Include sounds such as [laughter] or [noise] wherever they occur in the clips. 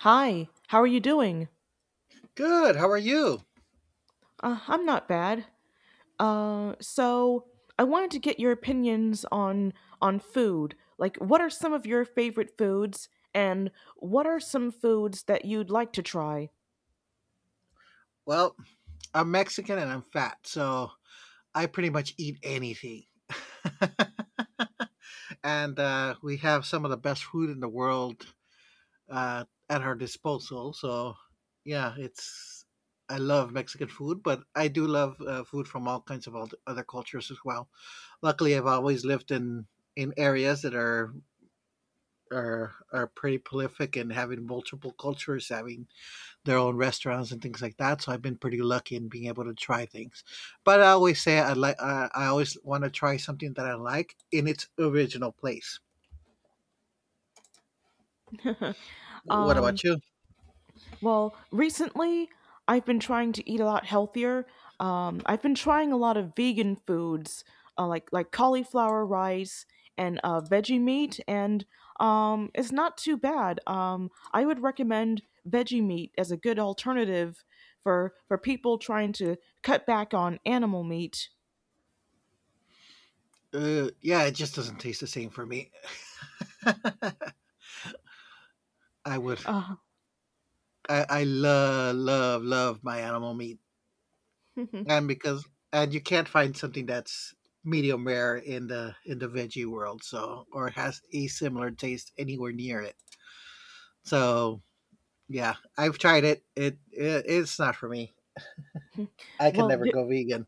Hi, how are you doing? Good. How are you? I'm not bad. So I wanted to get your opinions on food. Like, what are some of your favorite foods, and what are some foods that you'd like to try? Well, I'm Mexican and I'm fat, so I pretty much eat anything. [laughs] and We have some of the best food in the world uh, at our disposal. So, yeah, it's I love Mexican food, but I do love food from all kinds of other cultures as well. Luckily, I've always lived in areas that are pretty prolific and having multiple cultures, having their own restaurants and things like that. So I've been pretty lucky in being able to try things. But I always say I always want to try something that I like in its original place. What Um, about you? Well, recently I've been trying to eat a lot healthier. I've been trying a lot of vegan foods, like cauliflower rice and veggie meat, and it's not too bad. I would recommend veggie meat as a good alternative for people trying to cut back on animal meat. Yeah, it just doesn't taste the same for me. [laughs] I would. Uh, I love, love, love my animal meat, [laughs] and because and you can't find something that's medium rare in the veggie world, so or has a similar taste anywhere near it. So yeah, I've tried it. It's not for me. I can well, never go vegan.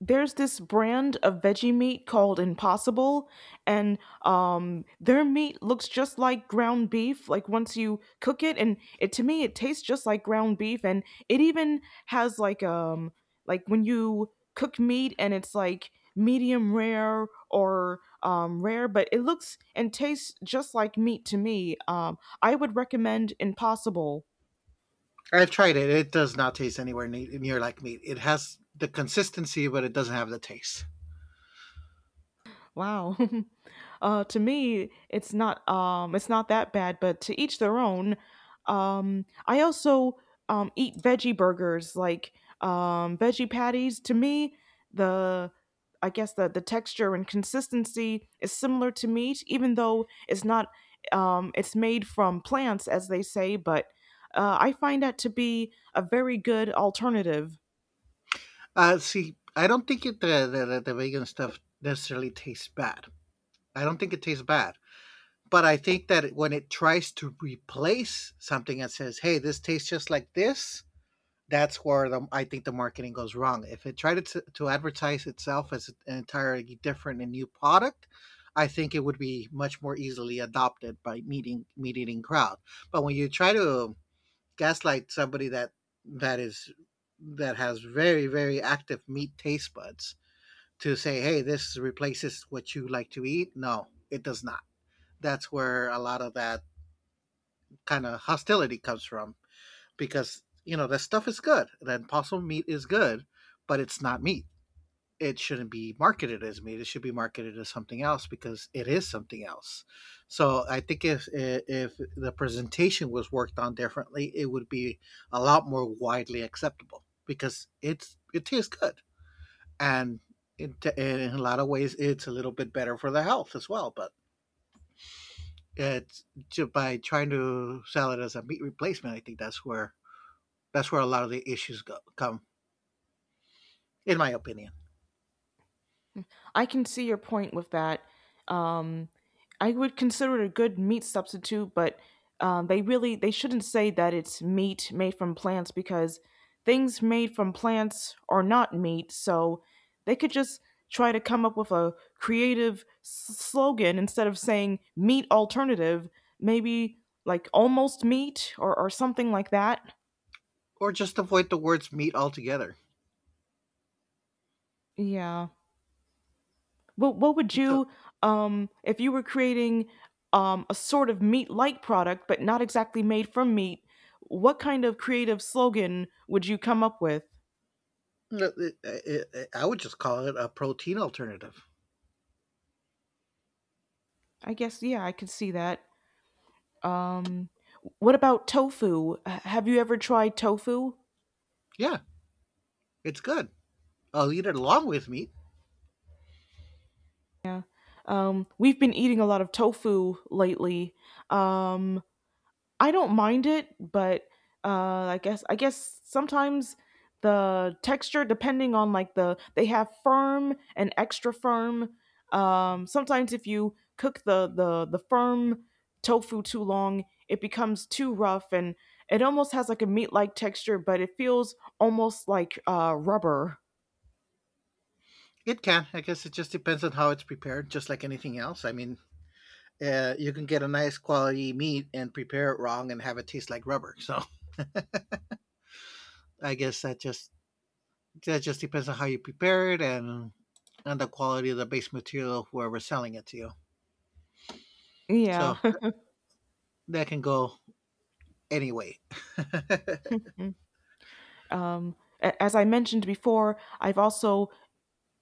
there's this brand of veggie meat called Impossible, and their meat looks just like ground beef. Like once you cook it, and it to me it tastes just like ground beef, and it even has like when you cook meat and it's like medium rare or rare, but it looks and tastes just like meat to me. I would recommend Impossible. I've tried it. It does not taste anywhere near like meat. It has the consistency, but it doesn't have the taste. Wow. [laughs] To me, it's not that bad, but to each their own. I also eat veggie burgers, like veggie patties. To me, the I guess the texture and consistency is similar to meat, even though it's not it's made from plants, as they say. But I find that to be a very good alternative. See, I don't think the vegan stuff necessarily tastes bad. I don't think it tastes bad. But I think that when it tries to replace something and says, hey, this tastes just like this, that's I think the marketing goes wrong. If it tried to advertise itself as an entirely different and new product, I think it would be much more easily adopted by meeting meat eating crowd. But when you try to gaslight somebody that that is that has very very active meat taste buds to say, hey, this replaces what you like to eat, no, it does not. That's where a lot of that kind of hostility comes from because you know that stuff is good. And then possum meat is good, but it's not meat. It shouldn't be marketed as meat. It should be marketed as something else because it is something else. So I think if the presentation was worked on differently, it would be a lot more widely acceptable because it tastes good and in a lot of ways it's a little bit better for the health as well. But it's by trying to sell it as a meat replacement. I think that's where a lot of the issues come in my opinion. I can see your point with that. Um, I would consider it a good meat substitute, but they really they shouldn't say that it's meat made from plants because things made from plants are not meat. So they could just try to come up with a creative slogan instead of saying meat alternative, maybe like almost meat or something like that. Or just avoid the words meat altogether. Yeah. What would So you if you were creating a sort of meat-like product but not exactly made from meat, what kind of creative slogan would you come up with? no, I would just call it a protein alternative. I guess yeah, I could see that. Um what about tofu? Have you ever tried tofu? Yeah, it's good. I'll eat it along with meat. Yeah. We've been eating a lot of tofu lately. Um I don't mind it, but I guess sometimes the texture, depending on like they have firm and extra firm. Sometimes if you cook the firm tofu too long, it becomes too rough and it almost has like a meat like texture, but it feels almost like rubber. It can. I guess it just depends on how it's prepared, just like anything else. I mean, you can get a nice quality meat and prepare it wrong and have it taste like rubber. So I guess that just depends on how you prepare it and the quality of the base material of whoever's selling it to you. Yeah. So that can go anyway. [laughs] [laughs] um, as I mentioned before, I've also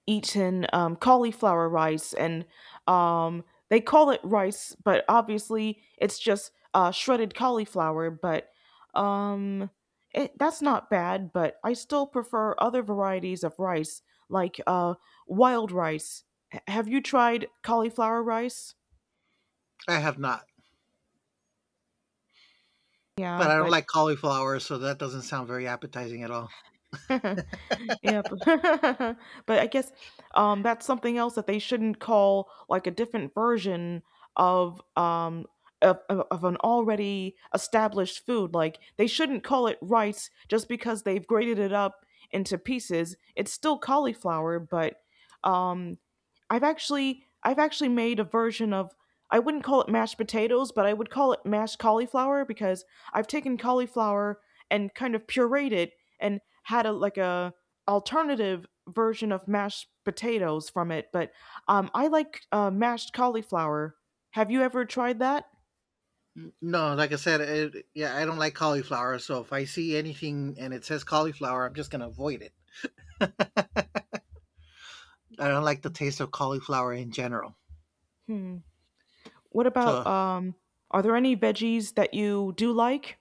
eaten cauliflower rice, and um, they call it rice, but obviously it's just shredded cauliflower. But um, that's not bad. But I still prefer other varieties of rice, like wild rice. Have you tried cauliflower rice? I have not. But Yeah, I don't but like cauliflower, so that doesn't sound very appetizing at all. [laughs] Yep. [laughs] But I guess that's something else that they shouldn't call like a different version of um of, of an already established food. Like they shouldn't call it rice just because they've grated it up into pieces. It's still cauliflower, but um I've actually made a version of I wouldn't call it mashed potatoes, but I would call it mashed cauliflower because I've taken cauliflower and kind of pureed it and had a like a alternative version of mashed potatoes from it. But I like mashed cauliflower. Have you ever tried that? No, like I said, yeah, I don't like cauliflower. So if I see anything and it says cauliflower, I'm just gonna avoid it. I don't like the taste of cauliflower in general. Hmm. What about So, Are there any veggies that you do like?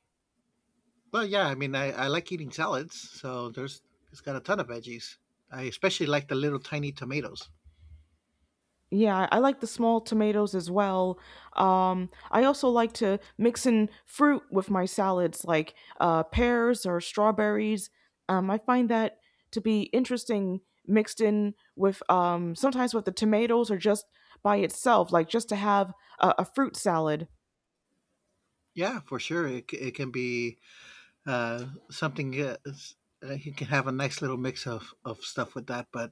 but yeah, I mean, I like eating salads. So there's it's got a ton of veggies. I especially like the little tiny tomatoes. Yeah, I like the small tomatoes as well. I also like to mix in fruit with my salads, like pears or strawberries. I find that to be interesting mixed in with sometimes with the tomatoes or just by itself, like just to have a fruit salad. Yeah, for sure, it can be uh, something. You can have a nice little mix of stuff with that, but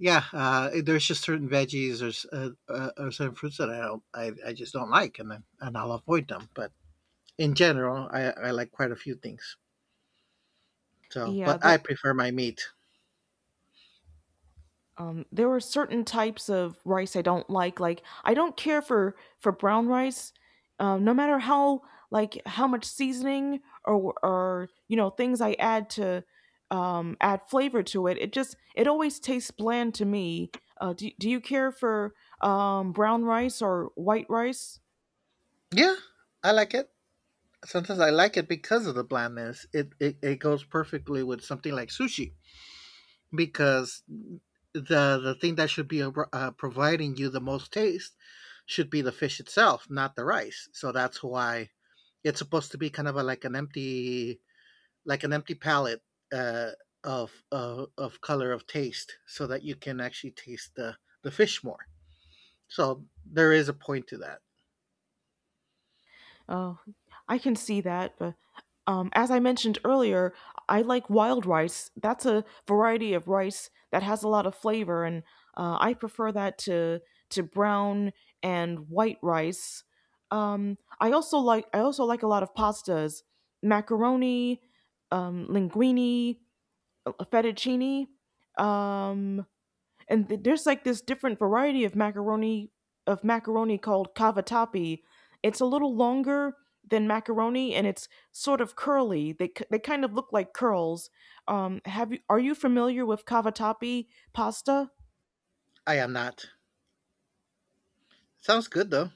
yeah, there's just certain veggies or certain fruits that I just don't like, and then and I'll avoid them. But in general, I like quite a few things. So, Yeah, but I the, prefer my meat. um, there are certain types of rice I don't like. Like I don't care for brown rice, no matter how like how much seasoning or you know things I add to add flavor to it. It just it always tastes bland to me. Do you care for brown rice or white rice? Yeah, I like it. Sometimes I like it because of the blandness. It goes perfectly with something like sushi because the thing that should be providing you the most taste should be the fish itself, not the rice. So that's why it's supposed to be kind of a, like an empty palette uh, of, of color of taste, so that you can actually taste the fish more. So there is a point to that. Oh, I can see that, but as I mentioned earlier, I like wild rice. That's a variety of rice that has a lot of flavor, and I prefer that to brown and white rice. I also like a lot of pastas, macaroni, linguine, fettuccine. Um, and there's like this different variety of macaroni called cavatappi. It's a little longer than macaroni, and it's sort of curly. They kind of look like curls. Have you are you familiar with cavatappi pasta? I am not. Sounds good though.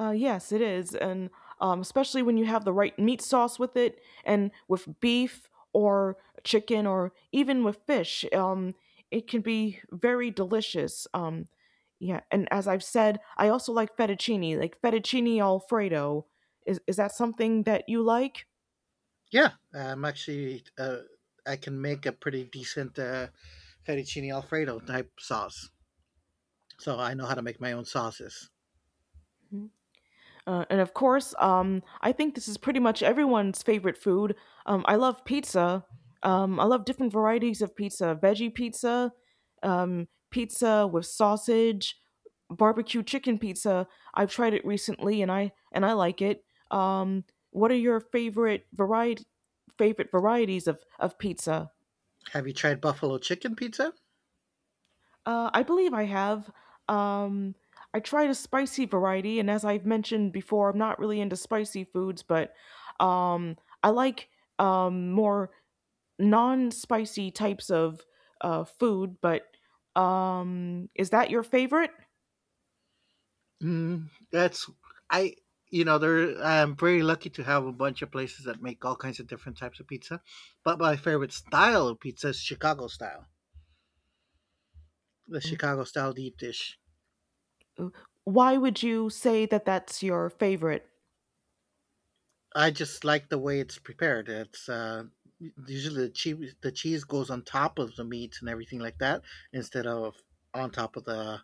Yes, it is, and especially when you have the right meat sauce with it, and with beef or chicken or even with fish, it can be very delicious. Yeah, and as I've said, I also like fettuccine alfredo. Is that something that you like? Yeah, I'm actually. I can make a pretty decent fettuccine alfredo type sauce. So I know how to make my own sauces. And of course, I think this is pretty much everyone's favorite food. I love pizza. I love different varieties of pizza veggie pizza, pizza with sausage, barbecue chicken pizza. I've tried it recently and I like it. Um, what are your favorite variety favorite varieties of pizza? Have you tried buffalo chicken pizza? I believe I have. Um, I tried a spicy variety, and as I've mentioned before, I'm not really into spicy foods, but um, I like more non-spicy types of food. But is that your favorite? Mm, that's I. You know, there I'm very lucky to have a bunch of places that make all kinds of different types of pizza, but my favorite style of pizza is Chicago style, the Chicago style deep dish. Why would you say that that's your favorite? I just like the way it's prepared. It's usually the cheese goes on top of the meat and everything like that instead of on top of the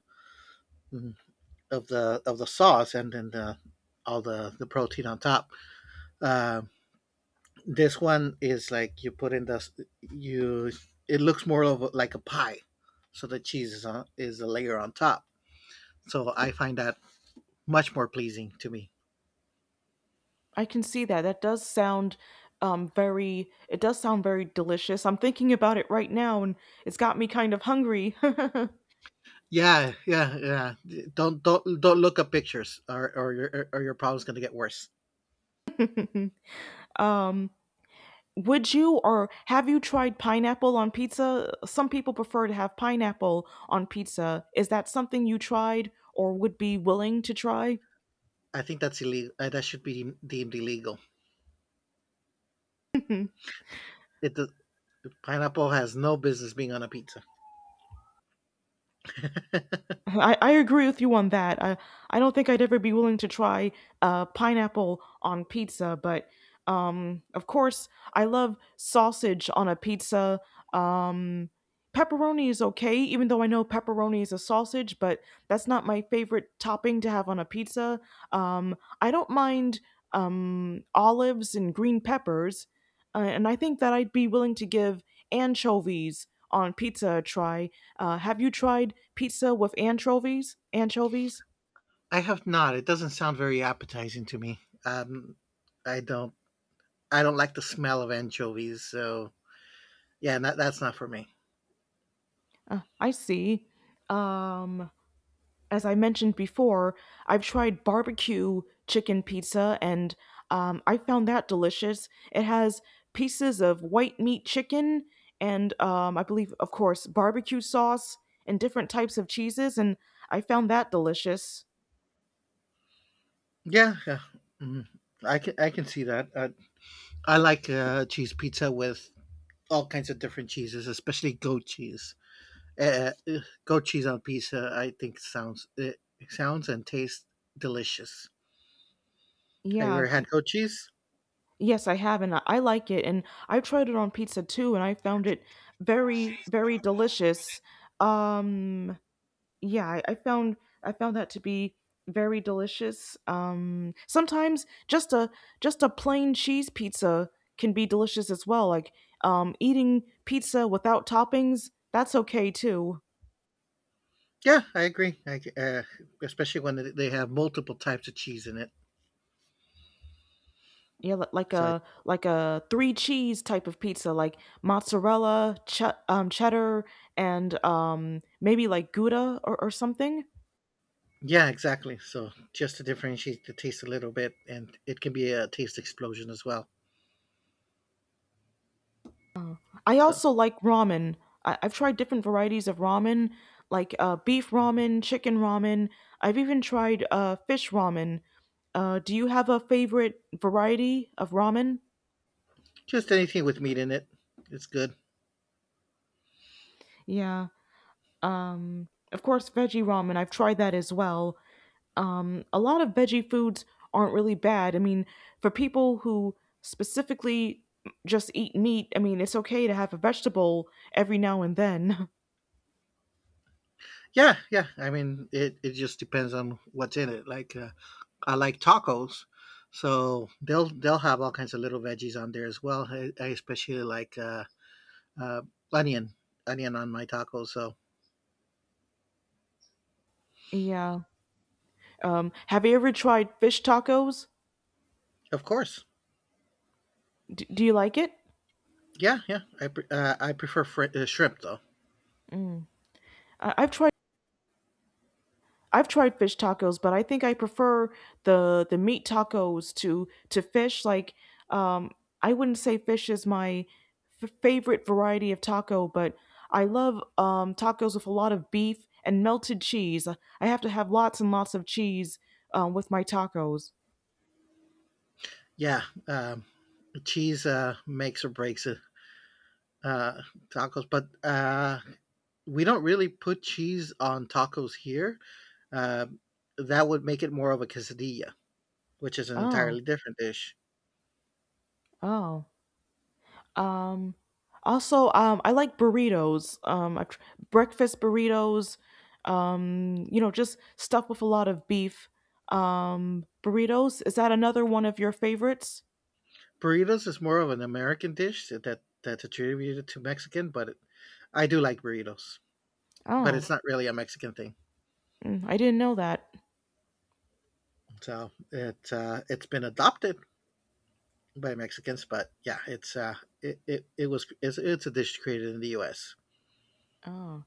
of the of the sauce and then the all the protein on top. Um, This one is like you put in the s- you. it looks more of a- like a pie, so the cheese is on, is a layer on top. So I find that much more pleasing to me. I can see that. That does sound very. It does sound very delicious. I'm thinking about it right now, and it's got me kind of hungry. Yeah, yeah, yeah. Don't look at pictures, or your problem's gonna get worse. [laughs] um, Would you or have you tried pineapple on pizza? Some people prefer to have pineapple on pizza. Is that something you tried or would be willing to try? I think that's illegal. That should be deemed illegal. [laughs] It does- pineapple has no business being on a pizza. I agree with you on that. I don't think I'd ever be willing to try pineapple on pizza, but of course, I love sausage on a pizza. Um, pepperoni is okay, even though I know pepperoni is a sausage, but that's not my favorite topping to have on a pizza. Um, I don't mind olives and green peppers, and I think that I'd be willing to give anchovies on pizza a try. Have you tried pizza with anchovies? Anchovies? I have not. It doesn't sound very appetizing to me. Um, I don't. I don't like the smell of anchovies, so yeah, that's not for me. I see. Um, as I mentioned before, I've tried barbecue chicken pizza and I found that delicious. It has pieces of white meat chicken and I believe, of course, barbecue sauce and different types of cheeses, and I found that delicious. Yeah, yeah. Mhm. I can see that. I like cheese pizza with all kinds of different cheeses, especially goat cheese. Goat cheese on pizza, I think sounds it sounds and tastes delicious. Have you Yeah. ever had goat cheese? Yes, I have, and I like it, and I tried it on pizza too, and I found it very, very delicious. Um, yeah, I, I found I found that to be very delicious. Sometimes just a plain cheese pizza can be delicious as well. Like eating pizza without toppings, that's okay too. Yeah, I agree. Especially when they have multiple types of cheese in it. Yeah, So I, like a three cheese type of pizza, like mozzarella, cheddar, and maybe like gouda or something. yeah, exactly. So just to differentiate the taste a little bit, and it can be a taste explosion as well. I So also like ramen. I've tried different varieties of ramen, like beef ramen, chicken ramen. I've even tried fish ramen. Do you have a favorite variety of ramen? just anything with meat in it. It's good. Yeah. Of course, veggie ramen. I've tried that as well. A lot of veggie foods aren't really bad. I mean, for people who specifically just eat meat, I mean, it's okay to have a vegetable every now and then. Yeah, yeah. I mean, it just depends on what's in it. Like I like tacos, so they'll have all kinds of little veggies on there as well. I especially like uh, onion onion on my tacos. So [laughs] yeah. Have you ever tried fish tacos? of course, Do you like it? yeah, yeah. I prefer shrimp though. Mm. I- I've tried I've tried fish tacos, but I think I prefer the meat tacos to fish. Like, um, I wouldn't say fish is my favorite variety of taco, but I love tacos with a lot of beef and melted cheese. I have to have lots and lots of cheese with my tacos. Yeah, cheese makes or breaks it. Uh, tacos, but we don't really put cheese on tacos here. Um, that would make it more of a quesadilla, which is an entirely Oh, different dish. oh. Um, also, I like burritos. Breakfast burritos. You know, just stuff with a lot of beef. Burritos. Is that another one of your favorites? Burritos is more of an American dish that that's attributed to Mexican, but I do like burritos. But Oh, it's not really a Mexican thing. mm, I didn't know that. So it's been adopted by Mexicans, but yeah, it's it, it, it was it's a dish created in the U.S. Oh.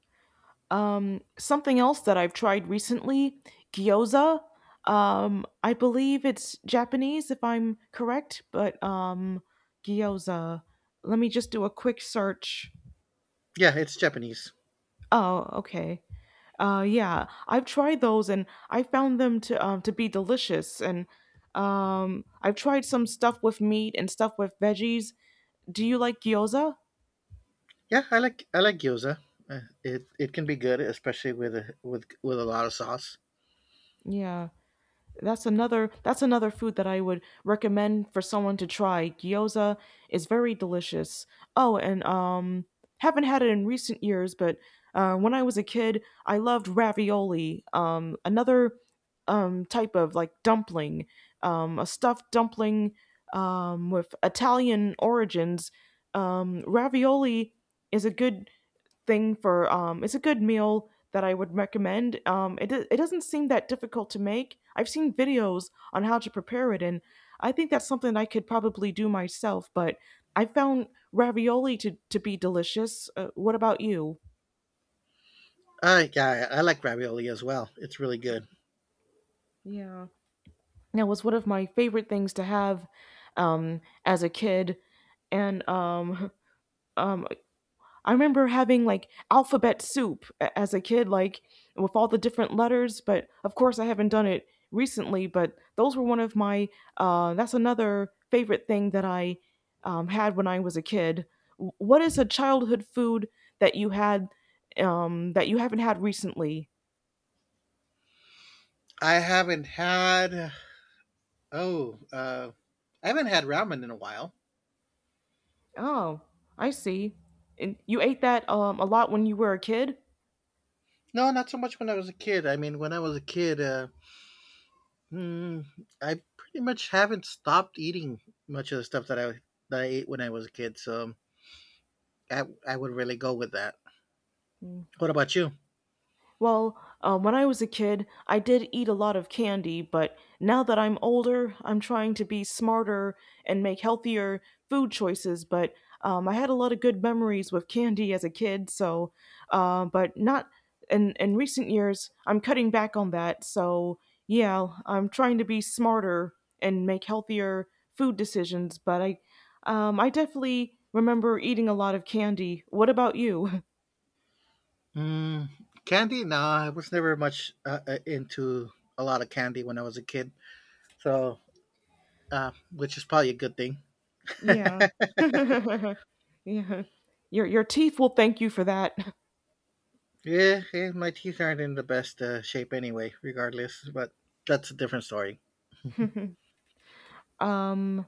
Something else that I've tried recently, gyoza. I believe it's Japanese, if I'm correct, but gyoza. Let me just do a quick search. Yeah, it's Japanese. Oh, okay. Yeah, I've tried those and I found them to be delicious. And I've tried some stuff with meat and stuff with veggies. Do you like gyoza? Yeah, I like gyoza. It can be good, especially with with a lot of sauce. Yeah. That's another that's another food that I would recommend for someone to try. Gyoza is very delicious. Oh, and haven't had it in recent years, but when I was a kid, I loved ravioli. Another type of like dumpling, a stuffed dumpling with Italian origins. Ravioli is a good thing for. It's a good meal that I would recommend. It doesn't seem that difficult to make. I've seen videos on how to prepare it, and I think that's something I could probably do myself, but I found ravioli to be delicious. What about you? Yeah, I like ravioli as well. It's really good. Yeah. That was one of my favorite things to have as a kid, and [laughs] um I remember having like alphabet soup as a kid, like with all the different letters. But of course, I haven't done it recently. But those were one of my. That's another favorite thing that I had when I was a kid. What is a childhood food that you had, that you haven't had recently? I haven't had oh, uh I haven't had ramen in a while. Oh, I see. And you ate that, a lot when you were a kid. No, not so much when I was a kid. I mean, when I was a kid, mm, I pretty much haven't stopped eating much of the stuff that I ate when I was a kid, so I would really go with that. What about you? Well, when I was a kid, I did eat a lot of candy, but now that I'm older, I'm trying to be smarter and make healthier food choices. But I had a lot of good memories with candy as a kid, so, but not in recent years, I'm cutting back on that. So, yeah, I'm trying to be smarter and make healthier food decisions, but I definitely remember eating a lot of candy. What about you? [laughs] Mm, candy? No, I was never much into a lot of candy when I was a kid. So, which is probably a good thing. Yeah. [laughs] [laughs] Yeah. Your teeth will thank you for that. Yeah, yeah, my teeth aren't in the best shape anyway, regardless, but that's a different story. Um,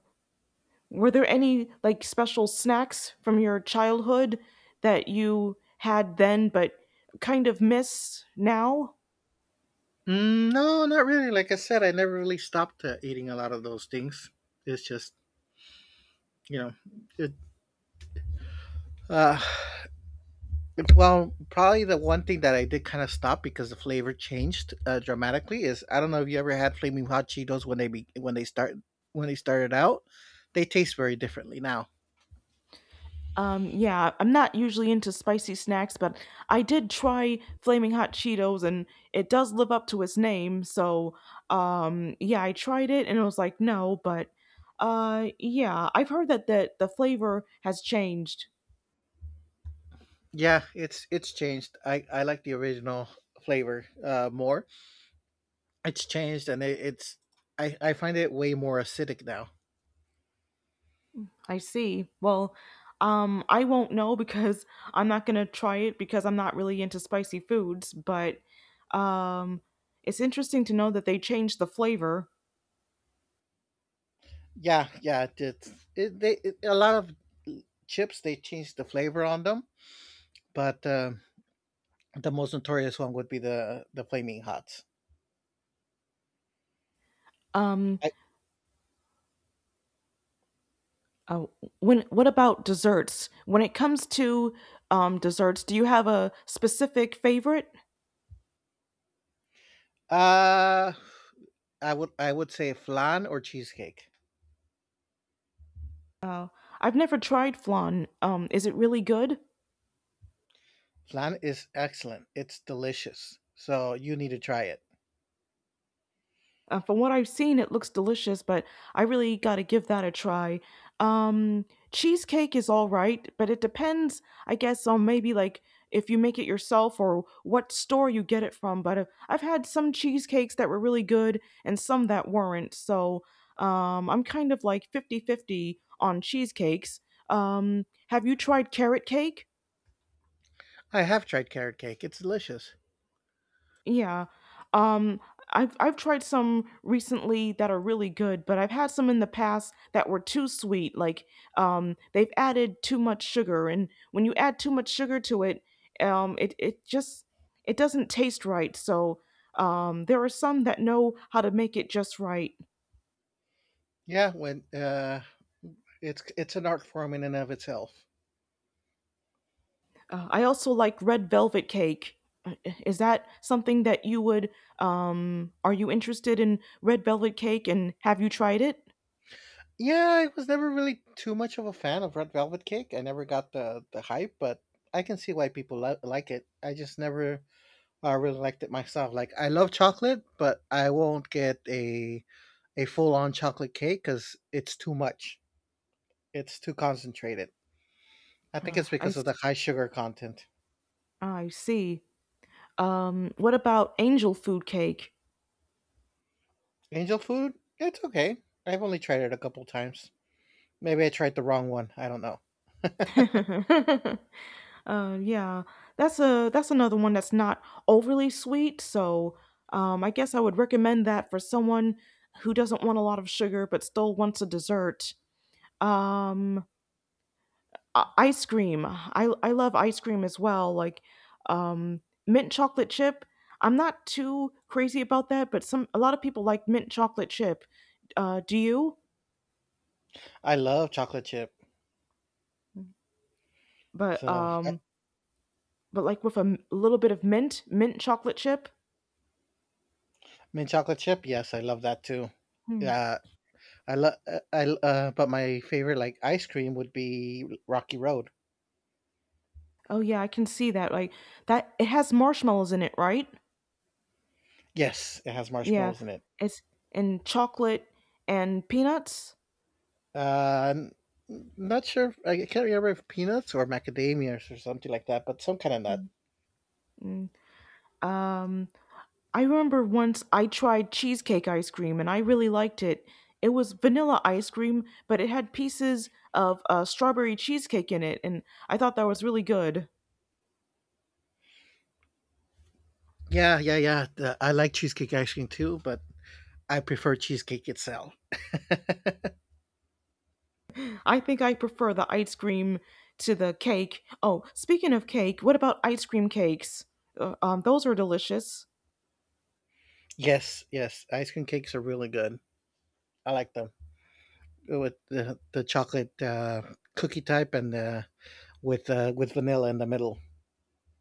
were there any like special snacks from your childhood that you had then but kind of miss now? Mm, no, not really. Like I said, I never really stopped eating a lot of those things. It's just, you know, it, uh, well, probably the one thing that I did kind of stop because the flavor changed dramatically is I don't know if you ever had flaming hot Cheetos when they start when they started out, they taste very differently now. Yeah, I'm not usually into spicy snacks, but I did try Flaming Hot Cheetos, and it does live up to its name. So, yeah, I tried it and it was like, no, but yeah, I've heard that the flavor has changed. Yeah, it's changed. I like the original flavor more. It's changed, and it's I find it way more acidic now. I see. Well, I won't know because [laughs] I'm not gonna try it because I'm not really into spicy foods. But um, it's interesting to know that they changed the flavor. Yeah, yeah. It's it, they it, a lot of chips they change the flavor on them, but the most notorious one would be the flaming hots. Um, I, uh, when what about desserts? When it comes to, desserts, do you have a specific favorite? uh I would say flan or cheesecake. Uh, I've never tried flan. Is it really good? Flan is excellent. It's delicious. So you need to try it. From what I've seen, it looks delicious, but I really got to give that a try. Um, Cheesecake is all right, but it depends, I guess, on maybe like if you make it yourself or what store you get it from. But I've had some cheesecakes that were really good and some that weren't. So I'm kind of like 50-50 on cheesecakes. Have you tried carrot cake? I have tried carrot cake. It's delicious. Yeah. Um, I've tried some recently that are really good, but I've had some in the past that were too sweet. Like they've added too much sugar, and when you add too much sugar to it, it just it doesn't taste right. So there are some that know how to make it just right. Yeah, when it's an art form in and of itself. I also like red velvet cake. Is that something that you would? Are you interested in red velvet cake, and have you tried it? Yeah, I was never really too much of a fan of Red Velvet Cake. I never got the hype, but I can see why people like it. I just never really liked it myself. Like I love chocolate, but I won't get a full on chocolate cake because it's too much. It's too concentrated. I think Uh, it's I because s- of the high sugar content. I see. What about angel food cake? Angel food, it's okay. I've only tried it a couple times. Maybe I tried the wrong one. I don't know. [laughs] uh, yeah, that's a that's another one that's not overly sweet. So, I guess I would recommend that for someone who doesn't want a lot of sugar but still wants a dessert. Um, Ice cream. I love ice cream as well. Like, um, mint chocolate chip. I'm not too crazy about that, but some a lot of people like mint chocolate chip. Do you? I love chocolate chip. but So um but like with a little bit of mint, mint chocolate chip. mint chocolate chip, yes, I love that too. Hmm. Yeah, I love, but my favorite like ice cream would be Rocky Road. Oh yeah, I can see that. Like that, it has marshmallows in it, right? Yes, it has Yeah, marshmallows in it. it's and chocolate and peanuts. Uh, n- not sure. I can't remember if peanuts or macadamias or something like that, but some kind of Hmm. nut. Mm. Um, I remember once I tried cheesecake ice cream and I really liked it. It was vanilla ice cream, but it had pieces of strawberry cheesecake in it, and I thought that was really good. Yeah, yeah, yeah. I like cheesecake ice cream too, but I prefer cheesecake itself. I think I prefer the ice cream to the cake. Oh, speaking of cake, what about ice cream cakes? Those are delicious. Yes, yes. Ice cream cakes are really good. I like them with the chocolate cookie type and with vanilla in the middle.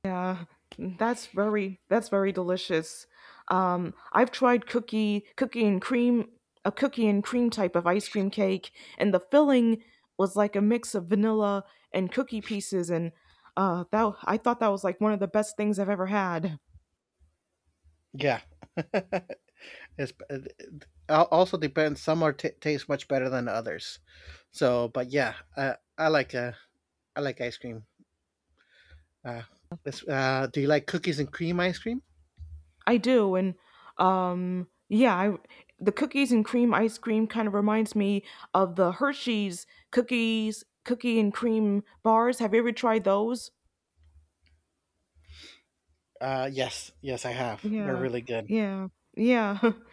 Yeah, that's very delicious. Um, I've tried cookie and cream, a cookie and cream type of ice cream cake, and the filling was like a mix of vanilla and cookie pieces, and that I thought that was like one of the best things I've ever had. Yeah. [laughs] It's it also depends. Some are taste much better than others. So, but yeah, I like ice cream. Uh, do you like cookies and cream ice cream? I do, and um, yeah, I, the cookies and cream ice cream kind of reminds me of the Hershey's cookie and cream bars. Have you ever tried those? Yes, yes, I have. They're Yeah, really good. yeah, yeah. [laughs]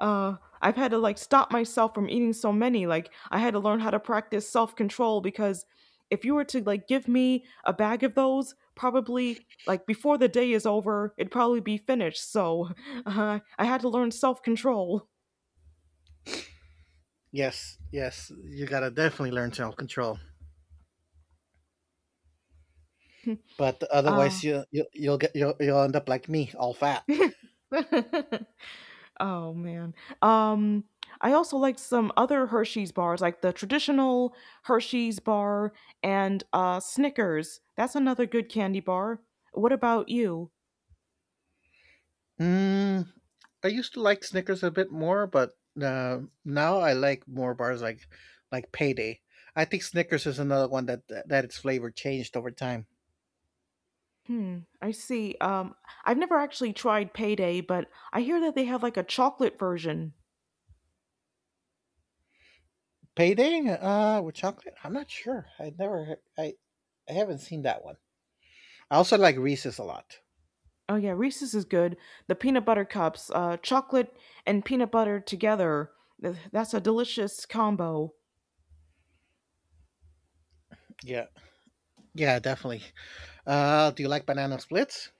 I've had to like stop myself from eating so many. Like I had to learn how to practice self control, because if you were to like give me a bag of those, probably like before the day is over, it'd probably be finished. So [laughs] I had to learn self control. Yes, yes, you gotta definitely learn self control. But otherwise, you you'll end up like me, all fat. [laughs] Oh man. Um I also like some other Hershey's bars like the traditional Hershey's bar and Snickers. That's another good candy bar. What about you? Mm, I used to like Snickers a bit more, but now I like more bars like Payday. I think Snickers is another one that its flavor changed over time. Hmm, I see. I've never actually tried Payday, but I hear that they have like a chocolate version. Payday with chocolate? I'm not sure. I never I, I haven't seen that one. I also like Reese's a lot. Oh yeah, Reese's is good. The peanut butter cups, chocolate and peanut butter together. That's a delicious combo. Yeah. Yeah, definitely. Do you like banana splits?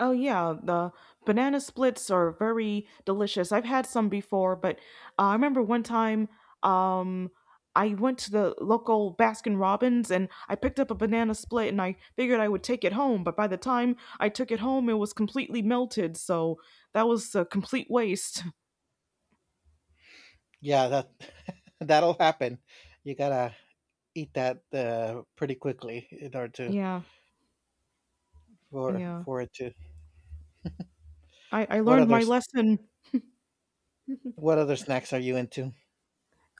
Oh yeah, the banana splits are very delicious. I've had some before, but I remember one time, um I went to the local Baskin Robbins and I picked up a banana split and I figured I would take it home, but by the time I took it home it was completely melted, so that was a complete waste. [laughs] Yeah, that [laughs] that'll happen. You gotta eat that pretty quickly in order to Yeah, yeah. for it to. I What learned other my s- lesson. what other snacks are you into?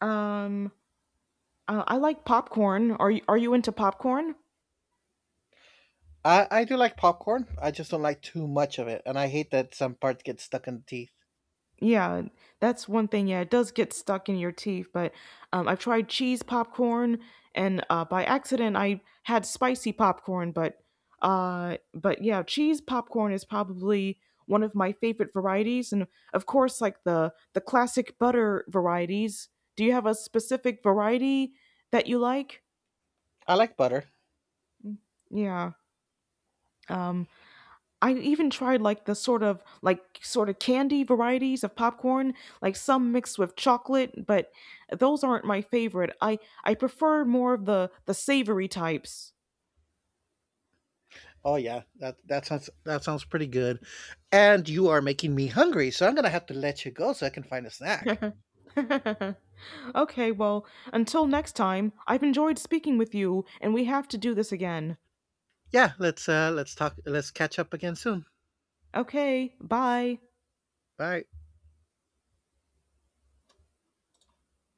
Um I like popcorn. Are you into popcorn? I do like popcorn. I just don't like too much of it, and I hate that some parts get stuck in the teeth. Yeah, that's one thing. Yeah, it does get stuck in your teeth, but I've tried cheese popcorn, and by accident I had spicy popcorn, but yeah, cheese popcorn is probably one of my favorite varieties, and of course, like the classic butter varieties. Do you have a specific variety that you like? I like butter. Yeah. Um, I even tried like the sort of like sort of candy varieties of popcorn, like some mixed with chocolate, but those aren't my favorite. I prefer more of the savory types. Oh yeah, that sounds pretty good. And you are making me hungry, so I'm gonna have to let you go so I can find a snack. [laughs] Okay, well, until next time, I've enjoyed speaking with you and we have to do this again. Yeah, let's talk. Let's catch up again soon. Okay, bye. Bye.